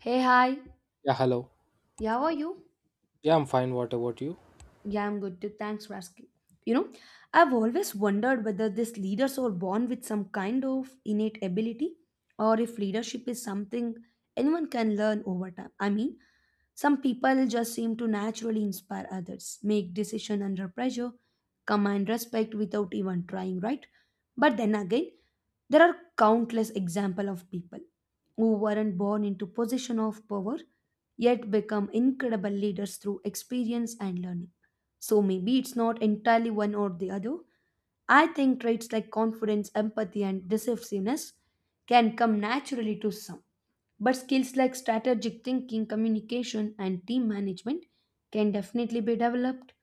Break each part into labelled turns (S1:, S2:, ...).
S1: Hey, hi.
S2: Yeah, hello.
S1: Yeah, how are you?
S2: Yeah, I'm fine. What about you?
S1: Yeah, I'm good too. Thanks for asking. You know, I've always wondered whether these leaders are born with some kind of innate ability or if leadership is something anyone can learn over time. I mean, some people just seem to naturally inspire others, make decision under pressure, command respect without even trying, right? But then again, there are countless examples of people who weren't born into position of power yet become incredible leaders through experience and learning. So maybe it's not entirely one or the other. I think traits like confidence, empathy, and decisiveness can come naturally to some. But skills like strategic thinking, communication, and team management can definitely be developed.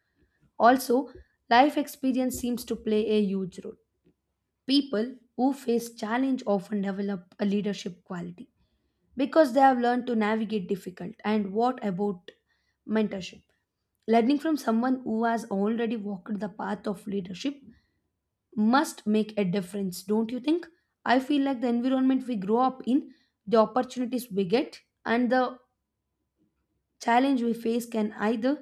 S1: Also, life experience seems to play a huge role. People who face challenge often develop a leadership quality because they have learned to navigate difficult. And what about mentorship? Learning from someone who has already walked the path of leadership must make a difference, don't you think? I feel like the environment we grow up in, the opportunities we get, and the challenge we face can either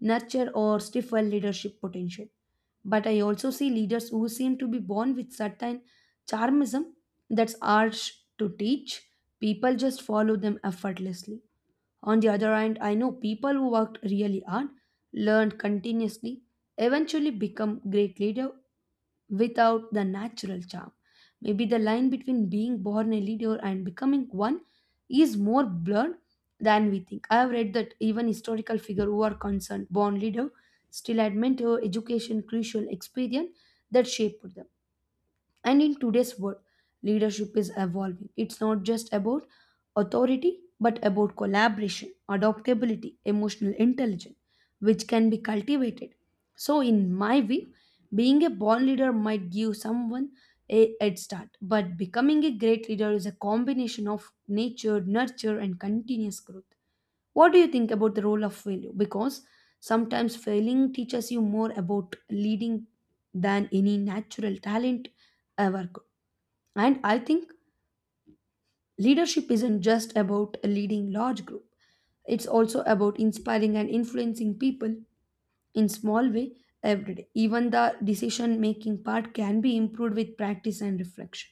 S1: nurture or stifle leadership potential. But I also see leaders who seem to be born with certain charmism that's harsh to teach. People just follow them effortlessly. On the other hand, I know people who worked really hard, learned continuously, eventually become great leader without the natural charm. Maybe the line between being born a leader and becoming one is more blurred than we think. I have read that even historical figure who are concerned born leader still had mentor, education, crucial experience that shaped them. And in today's world, leadership is evolving. It's not just about authority, but about collaboration, adaptability, emotional intelligence, which can be cultivated. So, in my view, being a born leader might give someone a head start, but becoming a great leader is a combination of nature, nurture, and continuous growth. What do you think about the role of failure? Because sometimes failing teaches you more about leading than any natural talent ever could. And I think leadership isn't just about leading large group. It's also about inspiring and influencing people in small way every day. Even the decision making part can be improved with practice and reflection.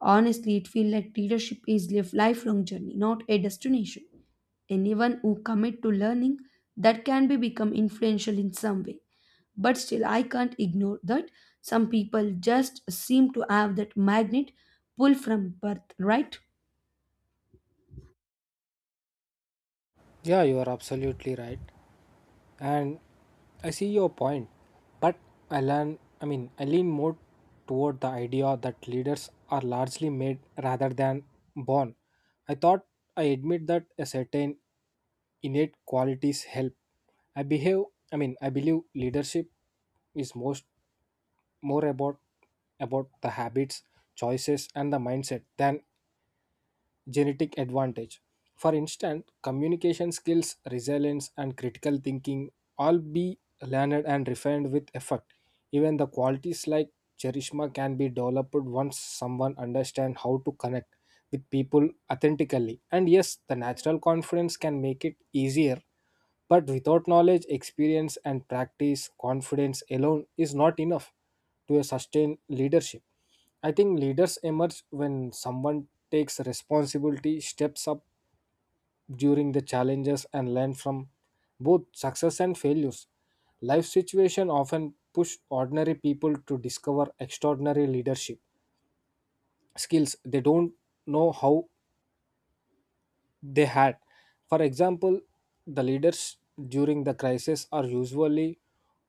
S1: Honestly, it feels like leadership is a lifelong journey, not a destination. Anyone who commit to learning that can be become influential in some way, but still I can't ignore that some people just seem to have that magnet pull from birth, right?
S2: Yeah, you are absolutely right. And I see your point. But I learn, I mean, I lean more toward the idea that leaders are largely made rather than born. I thought I admit that a certain innate qualities help. I behave, I mean, I believe leadership is most more about the habits, choices, and the mindset than genetic advantage. For instance, communication skills, resilience, and critical thinking all be learned and refined with effort. Even the qualities like charisma can be developed once someone understands how to connect with people authentically. And yes, the natural confidence can make it easier, but without knowledge, experience, and practice, confidence alone is not enough to sustain leadership. I think leaders emerge when someone takes responsibility, steps up during the challenges, and learn from both success and failures. Life situation often push ordinary people to discover extraordinary leadership skills they don't know how they had. For example, the leaders during the crisis are usually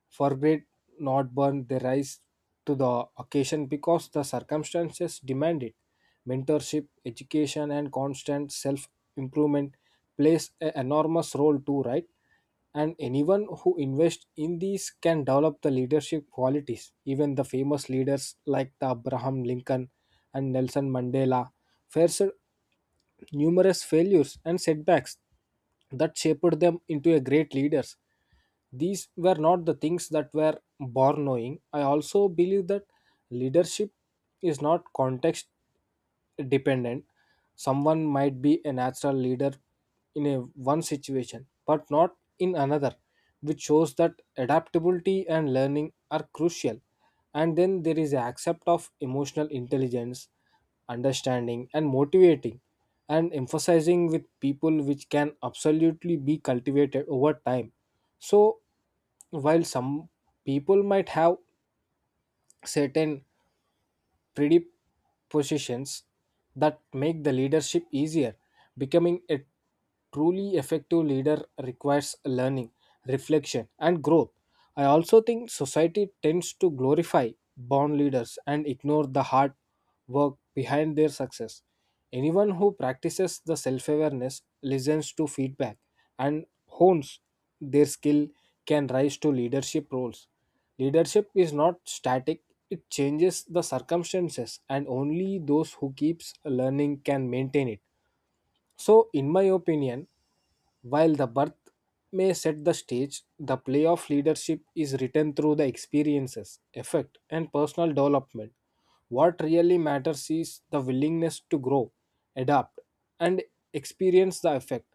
S2: forget not burn their rise to the occasion because the circumstances demand it. Mentorship, education, and constant self improvement plays an enormous role too, right? And anyone who invests in these can develop the leadership qualities. Even the famous leaders like the Abraham Lincoln and Nelson Mandela faced numerous failures and setbacks that shaped them into a great leaders. These were not the things that were born knowing. I also believe that leadership is not context dependent. Someone might be a natural leader in a one situation but not in another, which shows that adaptability and learning are crucial. And then there is a accept of emotional intelligence, understanding and motivating and emphasizing with people, which can absolutely be cultivated over time. So while some people might have certain predispositions that make the leadership easier, becoming a truly effective leader requires learning, reflection, and growth. I also think society tends to glorify born leaders and ignore the hard work behind their success. Anyone who practices the self awareness, listens to feedback, and hones their skill can rise to leadership roles. Leadership is not static, it changes the circumstances, and only those who keeps learning can maintain it. So, in my opinion, while the birth may set the stage, the play of leadership is written through the experiences, effect, and personal development. What really matters is the willingness to grow, adapt, and experience the effect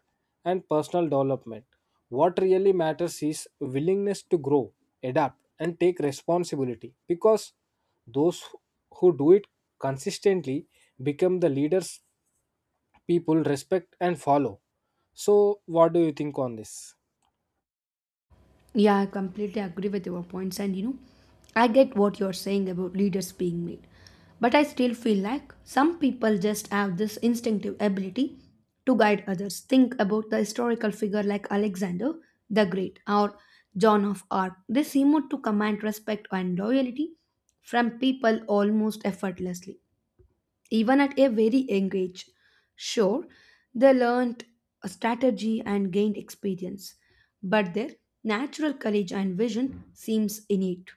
S2: and personal development. What really matters is willingness to grow, adapt, and take responsibility because those who do it consistently become the leaders people respect and follow. So, what do you think on this?
S1: Yeah, I completely agree with your points. And you know, I get what you're saying about leaders being made. But I still feel like some people just have this instinctive ability to guide others. Think about the historical figure like Alexander the Great or John of Arc. They seem to command respect and loyalty from people almost effortlessly even at a very young age. Sure, they learned a strategy and gained experience, but their natural courage and vision seems innate.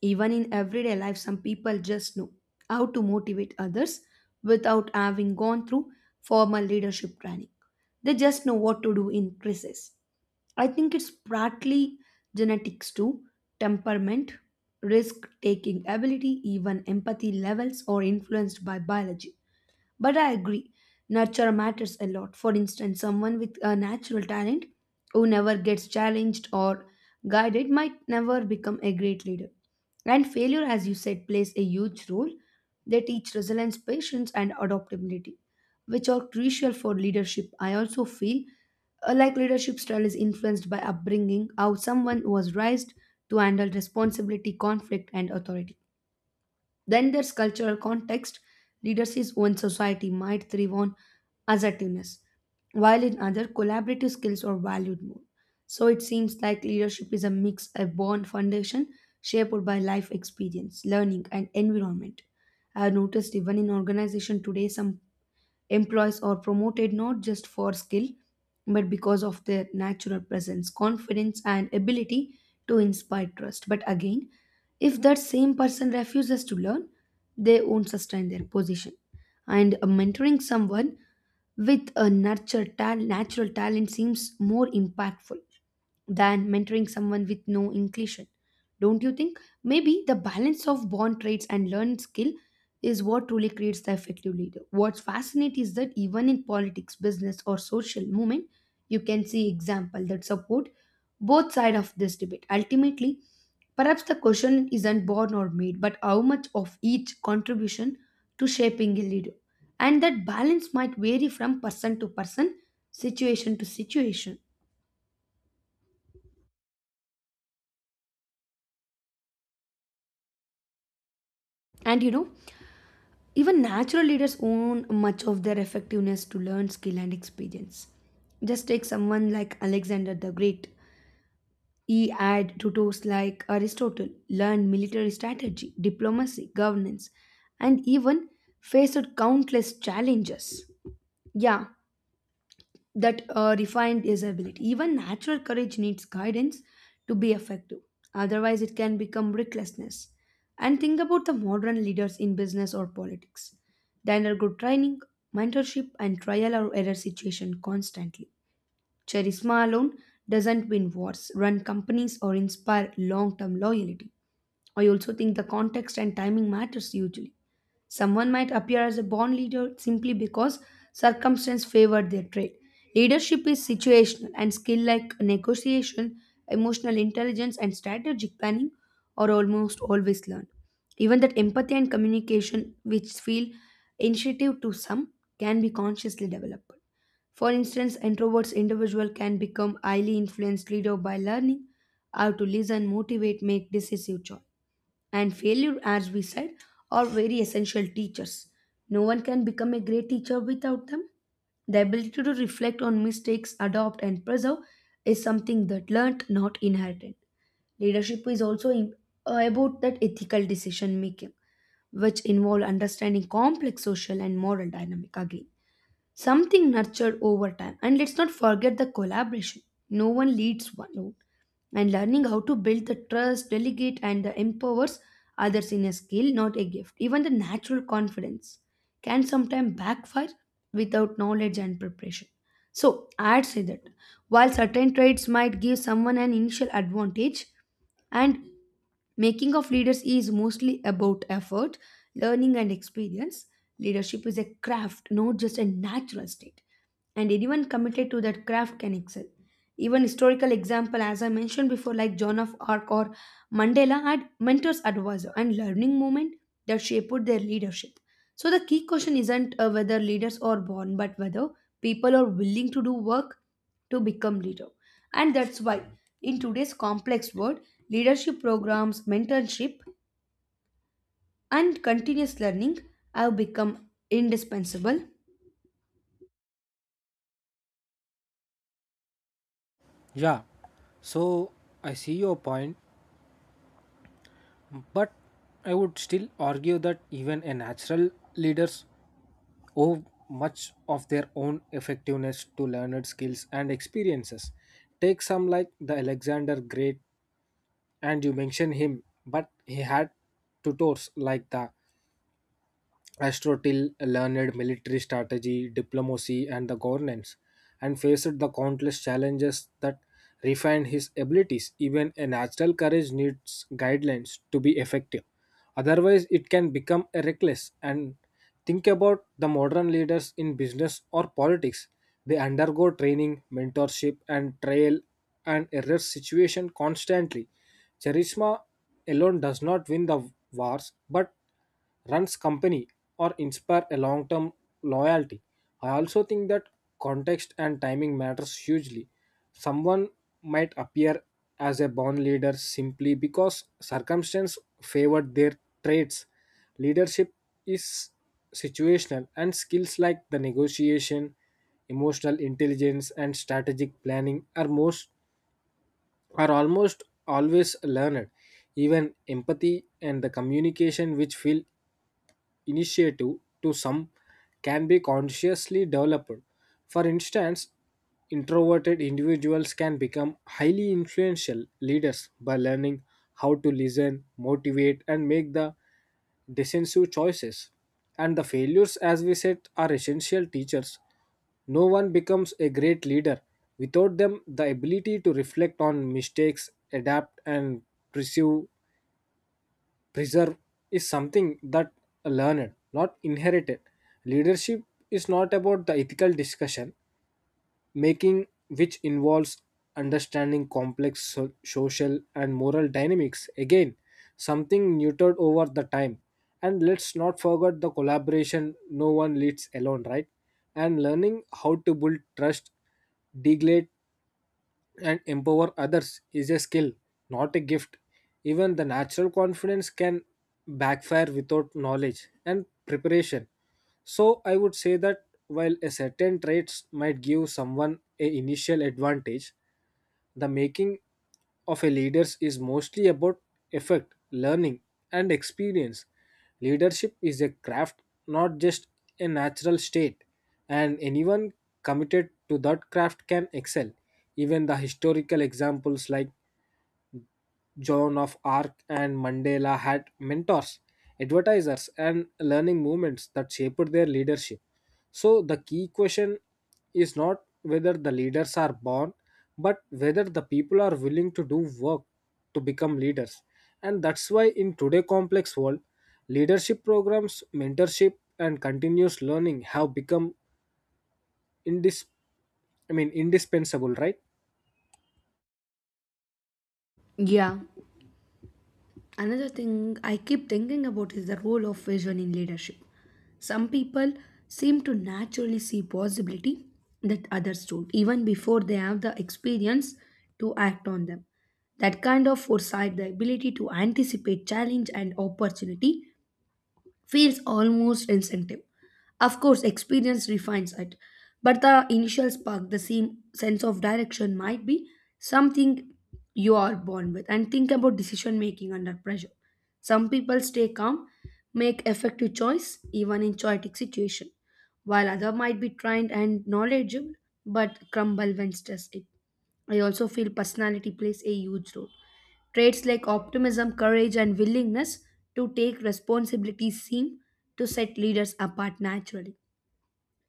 S1: Even in everyday life, some people just know how to motivate others without having gone through formal leadership training. They just know what to do in crisis. I think it's partly genetics too, temperament, risk taking ability, even empathy levels are influenced by biology. But I agree, nurture matters a lot. For instance, someone with a natural talent who never gets challenged or guided might never become a great leader. And failure, as you said, plays a huge role. They teach resilience, patience, and adaptability, which are crucial for leadership. I also feel like leadership style is influenced by upbringing, how someone was raised to handle responsibility, conflict, and authority. Then there's cultural context. Leadership's own society might thrive on assertiveness, while in other collaborative skills are valued more. So it seems like leadership is a mix, a born foundation shaped by life experience, learning, and environment. I have noticed even in organization today, some employees are promoted not just for skill, but because of their natural presence, confidence, and ability to inspire trust. But again, if that same person refuses to learn, they won't sustain their position. And mentoring someone with a natural talent seems more impactful than mentoring someone with no inclination. Don't you think? Maybe the balance of born traits and learned skill is what truly creates the effective leader. What's fascinating is that even in politics, business, or social movement, you can see example that support both side of this debate. Ultimately, perhaps the question isn't born or made, but how much of each contribution to shaping a leader. And that balance might vary from person to person, situation to situation. And you know, even natural leaders own much of their effectiveness to learned skill and experience. Just take someone like Alexander the Great. He had tutors like Aristotle, learned military strategy, diplomacy, governance, and even faced countless challenges. Yeah, that refined disability. Even natural courage needs guidance to be effective. Otherwise, it can become recklessness. And think about the modern leaders in business or politics. They undergo training, mentorship, and trial or error situation constantly. Charisma alone doesn't win wars, run companies, or inspire long term loyalty. I also think the context and timing matters hugely. Someone might appear as a born leader simply because circumstance favored their trait. Leadership is situational, and skill like negotiation, emotional intelligence, and strategic planning are almost always learned. Even that empathy and communication, which feel intuitive to some, can be consciously developed. For instance, introverts individual can become highly influenced leader by learning how to listen, motivate, make decisive choice. And failure, as we said, are very essential teachers. No one can become a great teacher without them. The ability to reflect on mistakes, adopt, and preserve is something that learned, not inherited. Leadership is also about that ethical decision making, which involve understanding complex social and moral dynamic again. Something nurtured over time. And let's not forget the collaboration. No one leads one. No, and learning how to build the trust delegate and the empowers others in a skill not a gift. Even the natural confidence can sometimes backfire without knowledge and preparation. So I'd say that while certain traits might give someone an initial advantage, and making of leaders is mostly about effort, learning, and experience. Leadership is a craft, not just a natural state, and anyone committed to that craft can excel. Even historical example, as I mentioned before, like Joan of Arc or Mandela had mentors, advisor, and learning movement that shaped their leadership. So the key question isn't whether leaders are born, but whether people are willing to do work to become leader. And that's why in today's complex world, leadership programs, mentorship, and continuous learning have become indispensable.
S2: Yeah, so I see your point, but I would still argue that even a natural leaders owe much of their own effectiveness to learned skills and experiences. Take some like the Alexander Great, and you mention him, but he had tutors like the Aristotle, learned military strategy, diplomacy, and the governance, and faced the countless challenges that refined his abilities. Even a natural courage needs guidelines to be effective. Otherwise, it can become a reckless. And think about the modern leaders in business or politics. They undergo training, mentorship, and trial and error situation constantly. Charisma alone does not win the wars, but runs company or inspire a long term loyalty. I also think that context and timing matters hugely. Someone might appear as a born leader simply because circumstance favored their traits. Leadership is situational, and skills like the negotiation, emotional intelligence and strategic planning are most are almost always learned. Even empathy and the communication which feel initiative to some can be consciously developed. For instance, introverted individuals can become highly influential leaders by learning how to listen, motivate, and make the decisive choices. And the failures, as we said, are essential teachers. No one becomes a great leader without them. The ability to reflect on mistakes, adapt, and pursue preserve is something that learned, not inherited. Leadership is not about the ethical discussion, making which involves understanding complex social and moral dynamics. Again, something neutered over the time. And let's not forget the collaboration, no one leads alone, right? And learning how to build trust, degrade and empower others is a skill, not a gift. Even the natural confidence can backfire without knowledge and preparation. So, I would say that while a certain traits might give someone a initial advantage, the making of a leader is mostly about effect, learning, and experience. Leadership is a craft, not just a natural state, and anyone committed to that craft can excel. Even the historical examples like Joan of Arc and Mandela had mentors, advertisers, and learning movements that shaped their leadership. So, the key question is not whether the leaders are born, but whether the people are willing to do work to become leaders. And that's why, in today's complex world, leadership programs, mentorship, and continuous learning have become indis- indispensable, right?
S1: Yeah, another thing I keep thinking about is the role of vision in leadership. Some people seem to naturally see possibility that others don't even before they have the experience to act on them. That kind of foresight, the ability to anticipate challenge and opportunity, feels almost incentive. Of course, experience refines it, but the initial spark, the same sense of direction, might be something you are born with. And think about decision making under pressure. Some people stay calm, make effective choice even in chaotic situation, while other might be trained and knowledgeable but crumble when stressed. It. I also feel personality plays a huge role. Traits like optimism, courage, and willingness to take responsibility seem to set leaders apart naturally.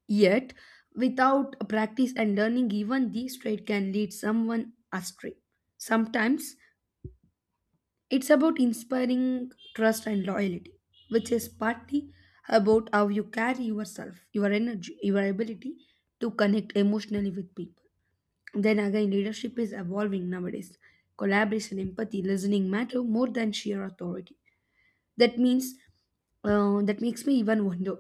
S1: Yet, without practice and learning, even these traits can lead someone astray. Sometimes it's about inspiring trust and loyalty, which is partly about how you carry yourself, your energy, your ability to connect emotionally with people. Then again, leadership is evolving nowadays. Collaboration, empathy, listening matter more than sheer authority. That means that makes me even wonder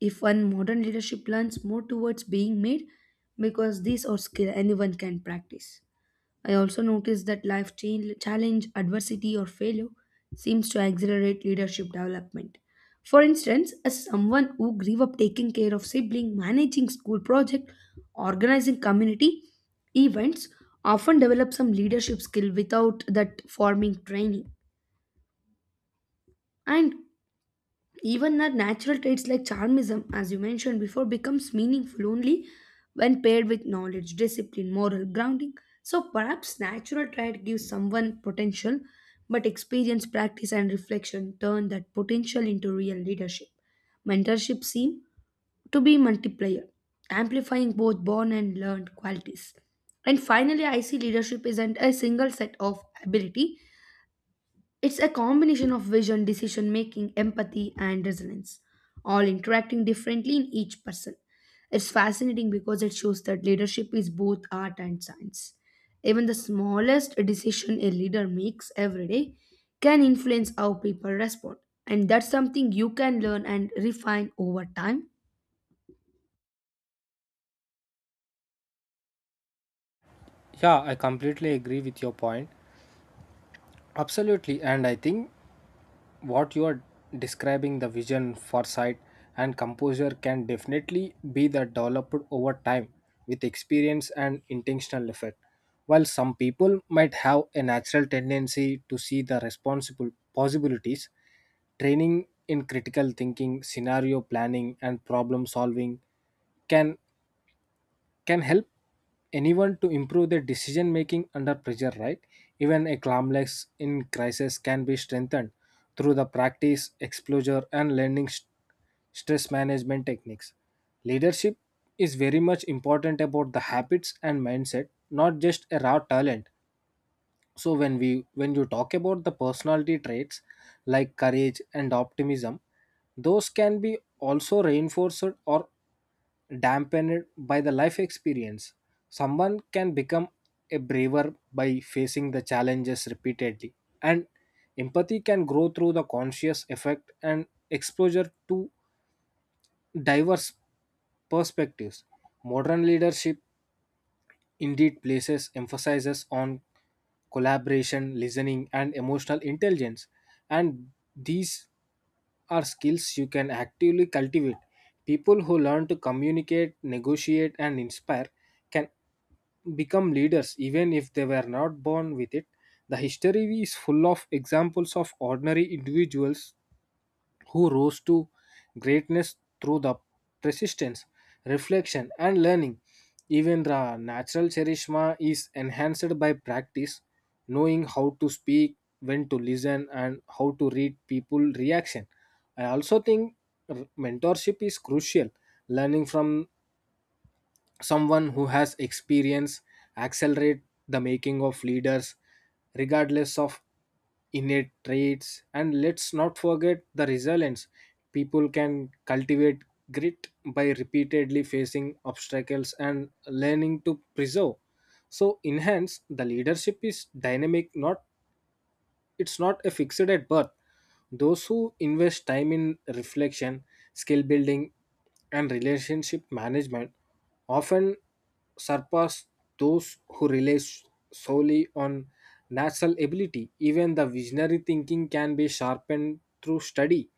S1: if one modern leadership learns more towards being made because these are skill anyone can practice. I also noticed that life change, challenge, adversity, or failure seems to accelerate leadership development. For instance, as someone who grew up taking care of sibling, managing school project, organizing community events, often develop some leadership skill without that forming training. And even our natural traits like charmism, as you mentioned before, becomes meaningful only when paired with knowledge, discipline, moral grounding. So perhaps natural trait gives someone potential, but experience, practice, and reflection turn that potential into real leadership. Mentorship seem to be multiplier, amplifying both born and learned qualities. And finally, I see leadership isn't a single set of ability. It's a combination of vision, decision making, empathy, and resilience, all interacting differently in each person. It's fascinating because it shows that leadership is both art and science. Even the smallest decision a leader makes every day can influence how people respond. And that's something you can learn and refine over time.
S2: Yeah, I completely agree with your point. Absolutely, and I think what you are describing, the vision, foresight and composure can definitely be the developed over time with experience and intentional effort. While some people might have a natural tendency to see the responsible possibilities, training in critical thinking, scenario planning and problem solving can can help anyone to improve their decision making under pressure, right? Even a calmness in crisis can be strengthened through the practice, exposure and learning stress management techniques. Leadership is very much important about the habits and mindset, not just a raw talent. So when you talk about the personality traits like courage and optimism, those can be also reinforced or dampened by the life experience. Someone can become a braver by facing the challenges repeatedly, and empathy can grow through the conscious effect and exposure to diverse perspectives. Modern leadership indeed places emphasis on collaboration, listening, and emotional intelligence, and these are skills you can actively cultivate. People who learn to communicate, negotiate, and inspire can become leaders even if they were not born with it. The history is full of examples of ordinary individuals who rose to greatness through the persistence, reflection, and learning. Even the natural charisma is enhanced by practice, knowing how to speak, when to listen, and how to read people reaction. I also think mentorship is crucial. Learning from someone who has experience accelerate the making of leaders regardless of innate traits. And let's not forget the resilience, people can cultivate grit by repeatedly facing obstacles and learning to preserve. So enhance the leadership is dynamic, not it's not a fixed at birth. Those who invest time in reflection, skill building, and relationship management often surpass those who rely solely on natural ability. Even the visionary thinking can be sharpened through study,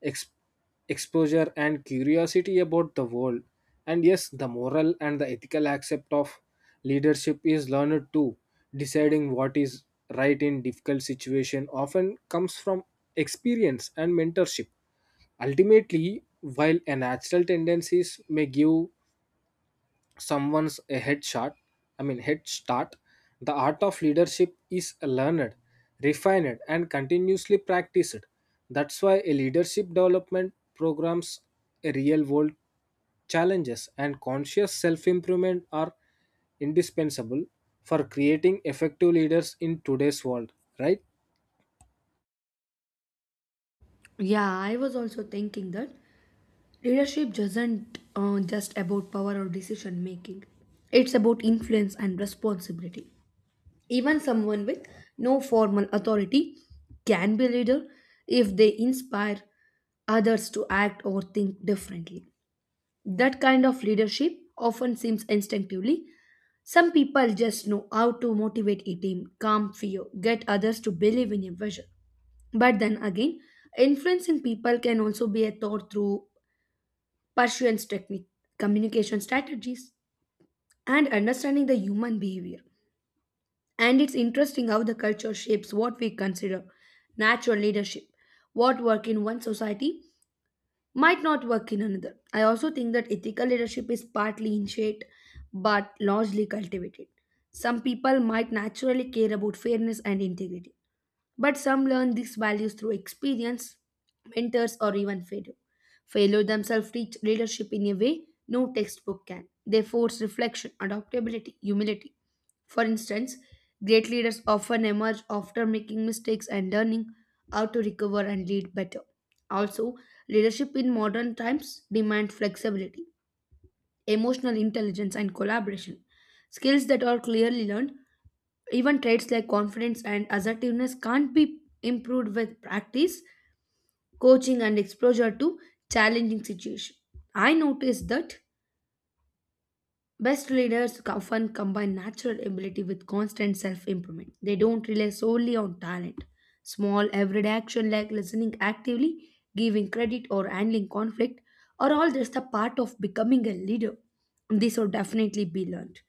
S2: ex- exposure and curiosity about the world. And yes, the moral and the ethical aspect of leadership is learned too. Deciding what is right in difficult situation often comes from experience and mentorship. Ultimately, while a natural tendencies may give someone's a head shot i mean head start, the art of leadership is learned, refined and continuously practiced. That's why a leadership development programs, a real world challenges and conscious self improvement are indispensable for creating effective leaders in today's world, right?
S1: Yeah, I was also thinking that leadership doesn't just about power or decision making. It's about influence and responsibility. Even someone with no formal authority can be a leader if they inspire others to act or think differently. That kind of leadership often seems instinctively. Some people just know how to motivate a team, calm fear, get others to believe in a vision. But then again, influencing people can also be a thought through persuasion technique, communication strategies, and understanding the human behavior. And it's interesting how the culture shapes what we consider natural leadership. What work in one society might not work in another. I also think that ethical leadership is partly initiated but largely cultivated. Some people might naturally care about fairness and integrity but some learn these values through experience, mentors, or even failure. Failure themselves teach leadership in a way no textbook can. They force reflection, adaptability, humility. For instance, great leaders often emerge after making mistakes and learning how to recover and lead better. Also, leadership in modern times demands flexibility, emotional intelligence, and collaboration, skills that are clearly learned. Even traits like confidence and assertiveness can't be improved with practice, coaching, and exposure to challenging situations. I noticed that best leaders often combine natural ability with constant self improvement. They don't rely solely on talent. Small everyday action like listening actively, giving credit, or handling conflict are all just a part of becoming a leader. These will definitely be learned.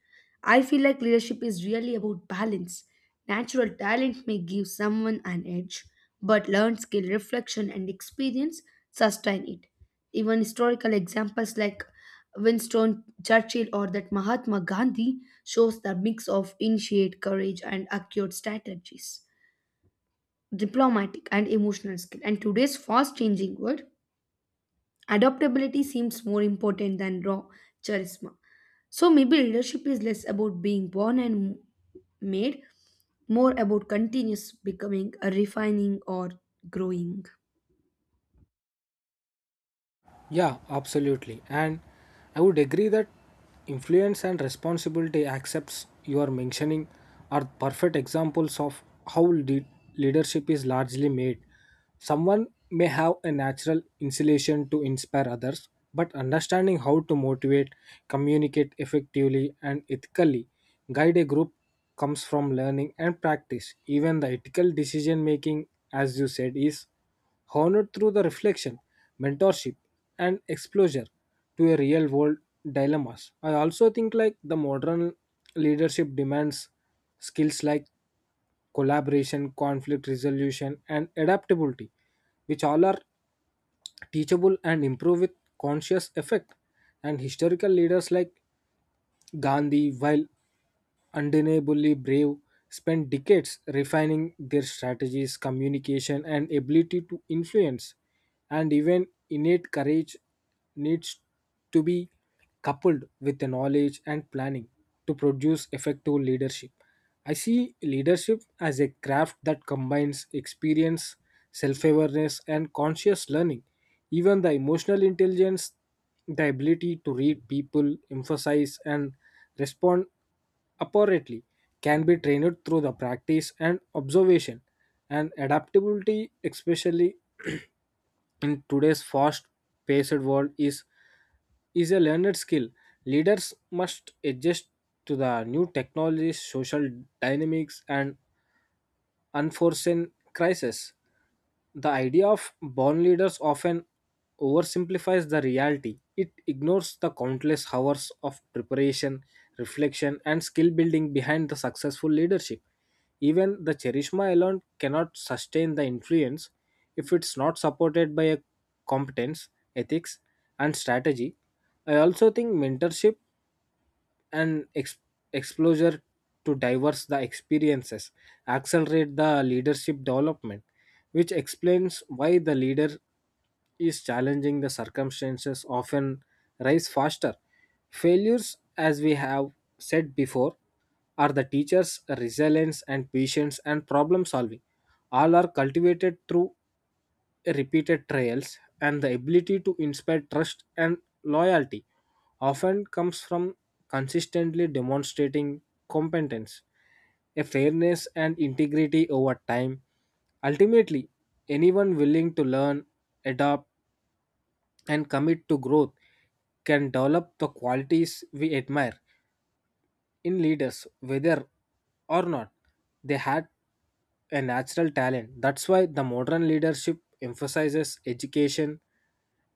S1: I feel like leadership is really about balance. Natural talent may give someone an edge, but learned skill, reflection, and experience sustain it. Even historical examples like Winston Churchill or that Mahatma Gandhi shows the mix of initiate courage and acute strategies, diplomatic and emotional skill. And today's fast changing world, adaptability seems more important than raw charisma. So maybe leadership is less about being born and made, more about continuous becoming, refining, or growing.
S2: Yeah, absolutely. And I would agree that influence and responsibility accepts you are mentioning are perfect examples of how leadership is largely made. Someone may have a natural insulation to inspire others, but understanding how to motivate, communicate effectively, and ethically guide a group comes from learning and practice. Even the ethical decision making, as you said, is honored through the reflection, mentorship, and exposure to a real world dilemmas. I also think like the modern leadership demands skills like collaboration, conflict resolution, and adaptability, which all are teachable and improve with conscious effect. And historical leaders like Gandhi, while undeniably brave, spent decades refining their strategies, communication, and ability to influence. And even innate courage needs to be coupled with the knowledge and planning to produce effective leadership. I see leadership as a craft that combines experience, self awareness, and conscious learning. Even the emotional intelligence, the ability to read people, emphasize, and respond apparently can be trained through the practice and observation. And adaptability, especially in today's fast paced world, is a learned skill. Leaders must adjust to the new technologies, social dynamics and unforeseen crises. The idea of born leaders often oversimplifies the reality. It ignores the countless hours of preparation, reflection, and skill building behind the successful leadership. Even the charisma alone cannot sustain the influence if it's not supported by a competence, ethics, and strategy. I also think mentorship and exposure to diverse the experiences accelerate the leadership development, which explains why the leader is challenging the circumstances often rise faster. Failures, as we have said before, are the teacher's resilience and patience and problem solving, all are cultivated through repeated trials. And the ability to inspire trust and loyalty often comes from consistently demonstrating competence, a fairness, and integrity over time. Ultimately, anyone willing to learn, adapt, and commit to growth can develop the qualities we admire in leaders, whether or not they had a natural talent. That's why the modern leadership emphasizes education,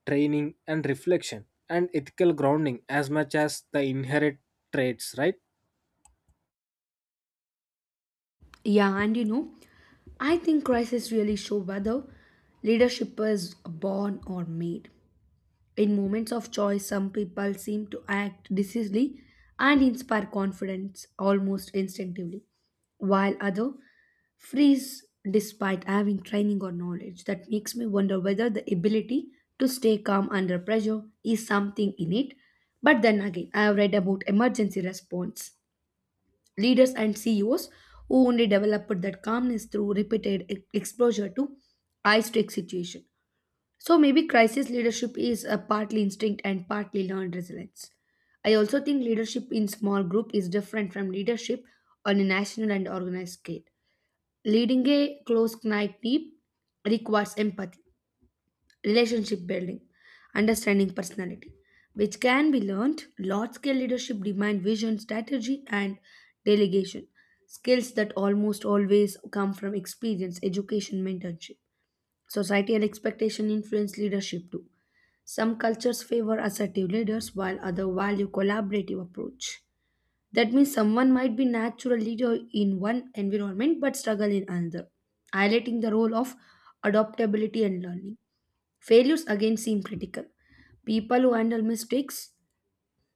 S2: training, and reflection and ethical grounding as much as the inherent traits, right?
S1: Yeah, and you know, I think crises really show whether leadership is born or made. In moments of joy, some people seem to act decisively and inspire confidence almost instinctively, while others freeze despite having training or knowledge. That makes me wonder whether the ability to stay calm under pressure is something innate. But then again, I have read about emergency response leaders and CEOs who only developed that calmness through repeated exposure to high stake situation. So maybe crisis leadership is a partly instinct and partly learned resilience. I also think leadership in small group is different from leadership on a national and organized scale. Leading a close knit team requires empathy, relationship building, understanding personality, which can be learned. Large scale leadership demands vision, strategy, and delegation, skills that almost always come from experience, education, mentorship. Societal expectation influence leadership too. Some cultures favor assertive leaders while others value collaborative approach. That means someone might be natural leader in one environment but struggle in another, highlighting the role of adaptability and learning. Failures again seem critical. People who handle mistakes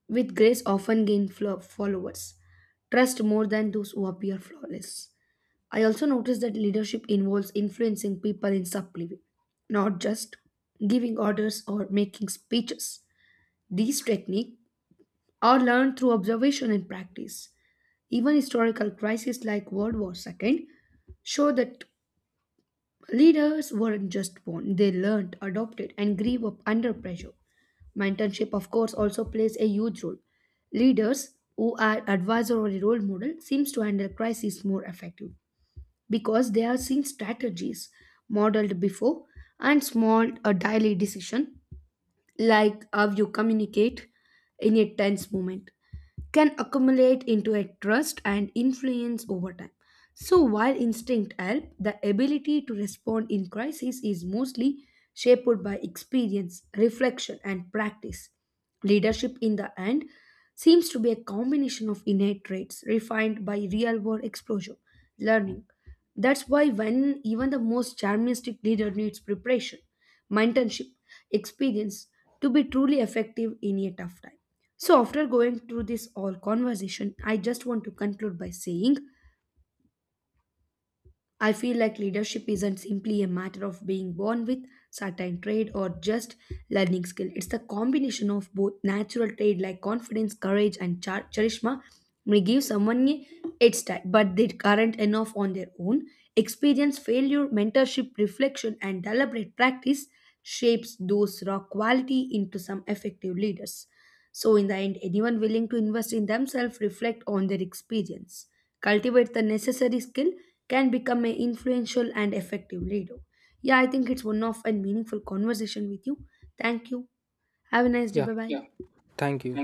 S1: with grace often gain followers trust more than those who appear flawless. I also noticed that leadership involves influencing people in subtly way, not just giving orders or making speeches. These techniques are learned through observation and practice. Even historical crises like World War II show that leaders weren't just born, they learned, adopted, and grew up under pressure. Mentorship, of course, also plays a huge role. Leaders who are advisor or a role model seems to handle crises more effective because they are seeing strategies modeled before, and small or daily decision, like how you communicate in a tense moment, can accumulate into a trust and influence over time. So, while instinct help, the ability to respond in crisis is mostly shaped by experience, reflection, and practice. Leadership, in the end, seems to be a combination of innate traits refined by real world exposure, learning. That's why when even the most charmistic leader needs preparation, mentorship, experience to be truly effective in a tough time. So after going through this all conversation, I just want to conclude by saying I feel like leadership isn't simply a matter of being born with certain trade or just learning skill. It's the combination of both natural trade like confidence, courage, and charisma may give someone a head start, but they aren't enough on their own. Experience, failure, mentorship, reflection, and deliberate practice shapes those raw quality into some effective leaders. So, in the end, anyone willing to invest in themselves reflect on their experience, cultivate the necessary skill, can become an influential and effective leader. Yeah, I think it's one of a meaningful conversation with you. Thank you. Have a nice day.
S2: Yeah,
S1: Bye bye.
S2: thank you.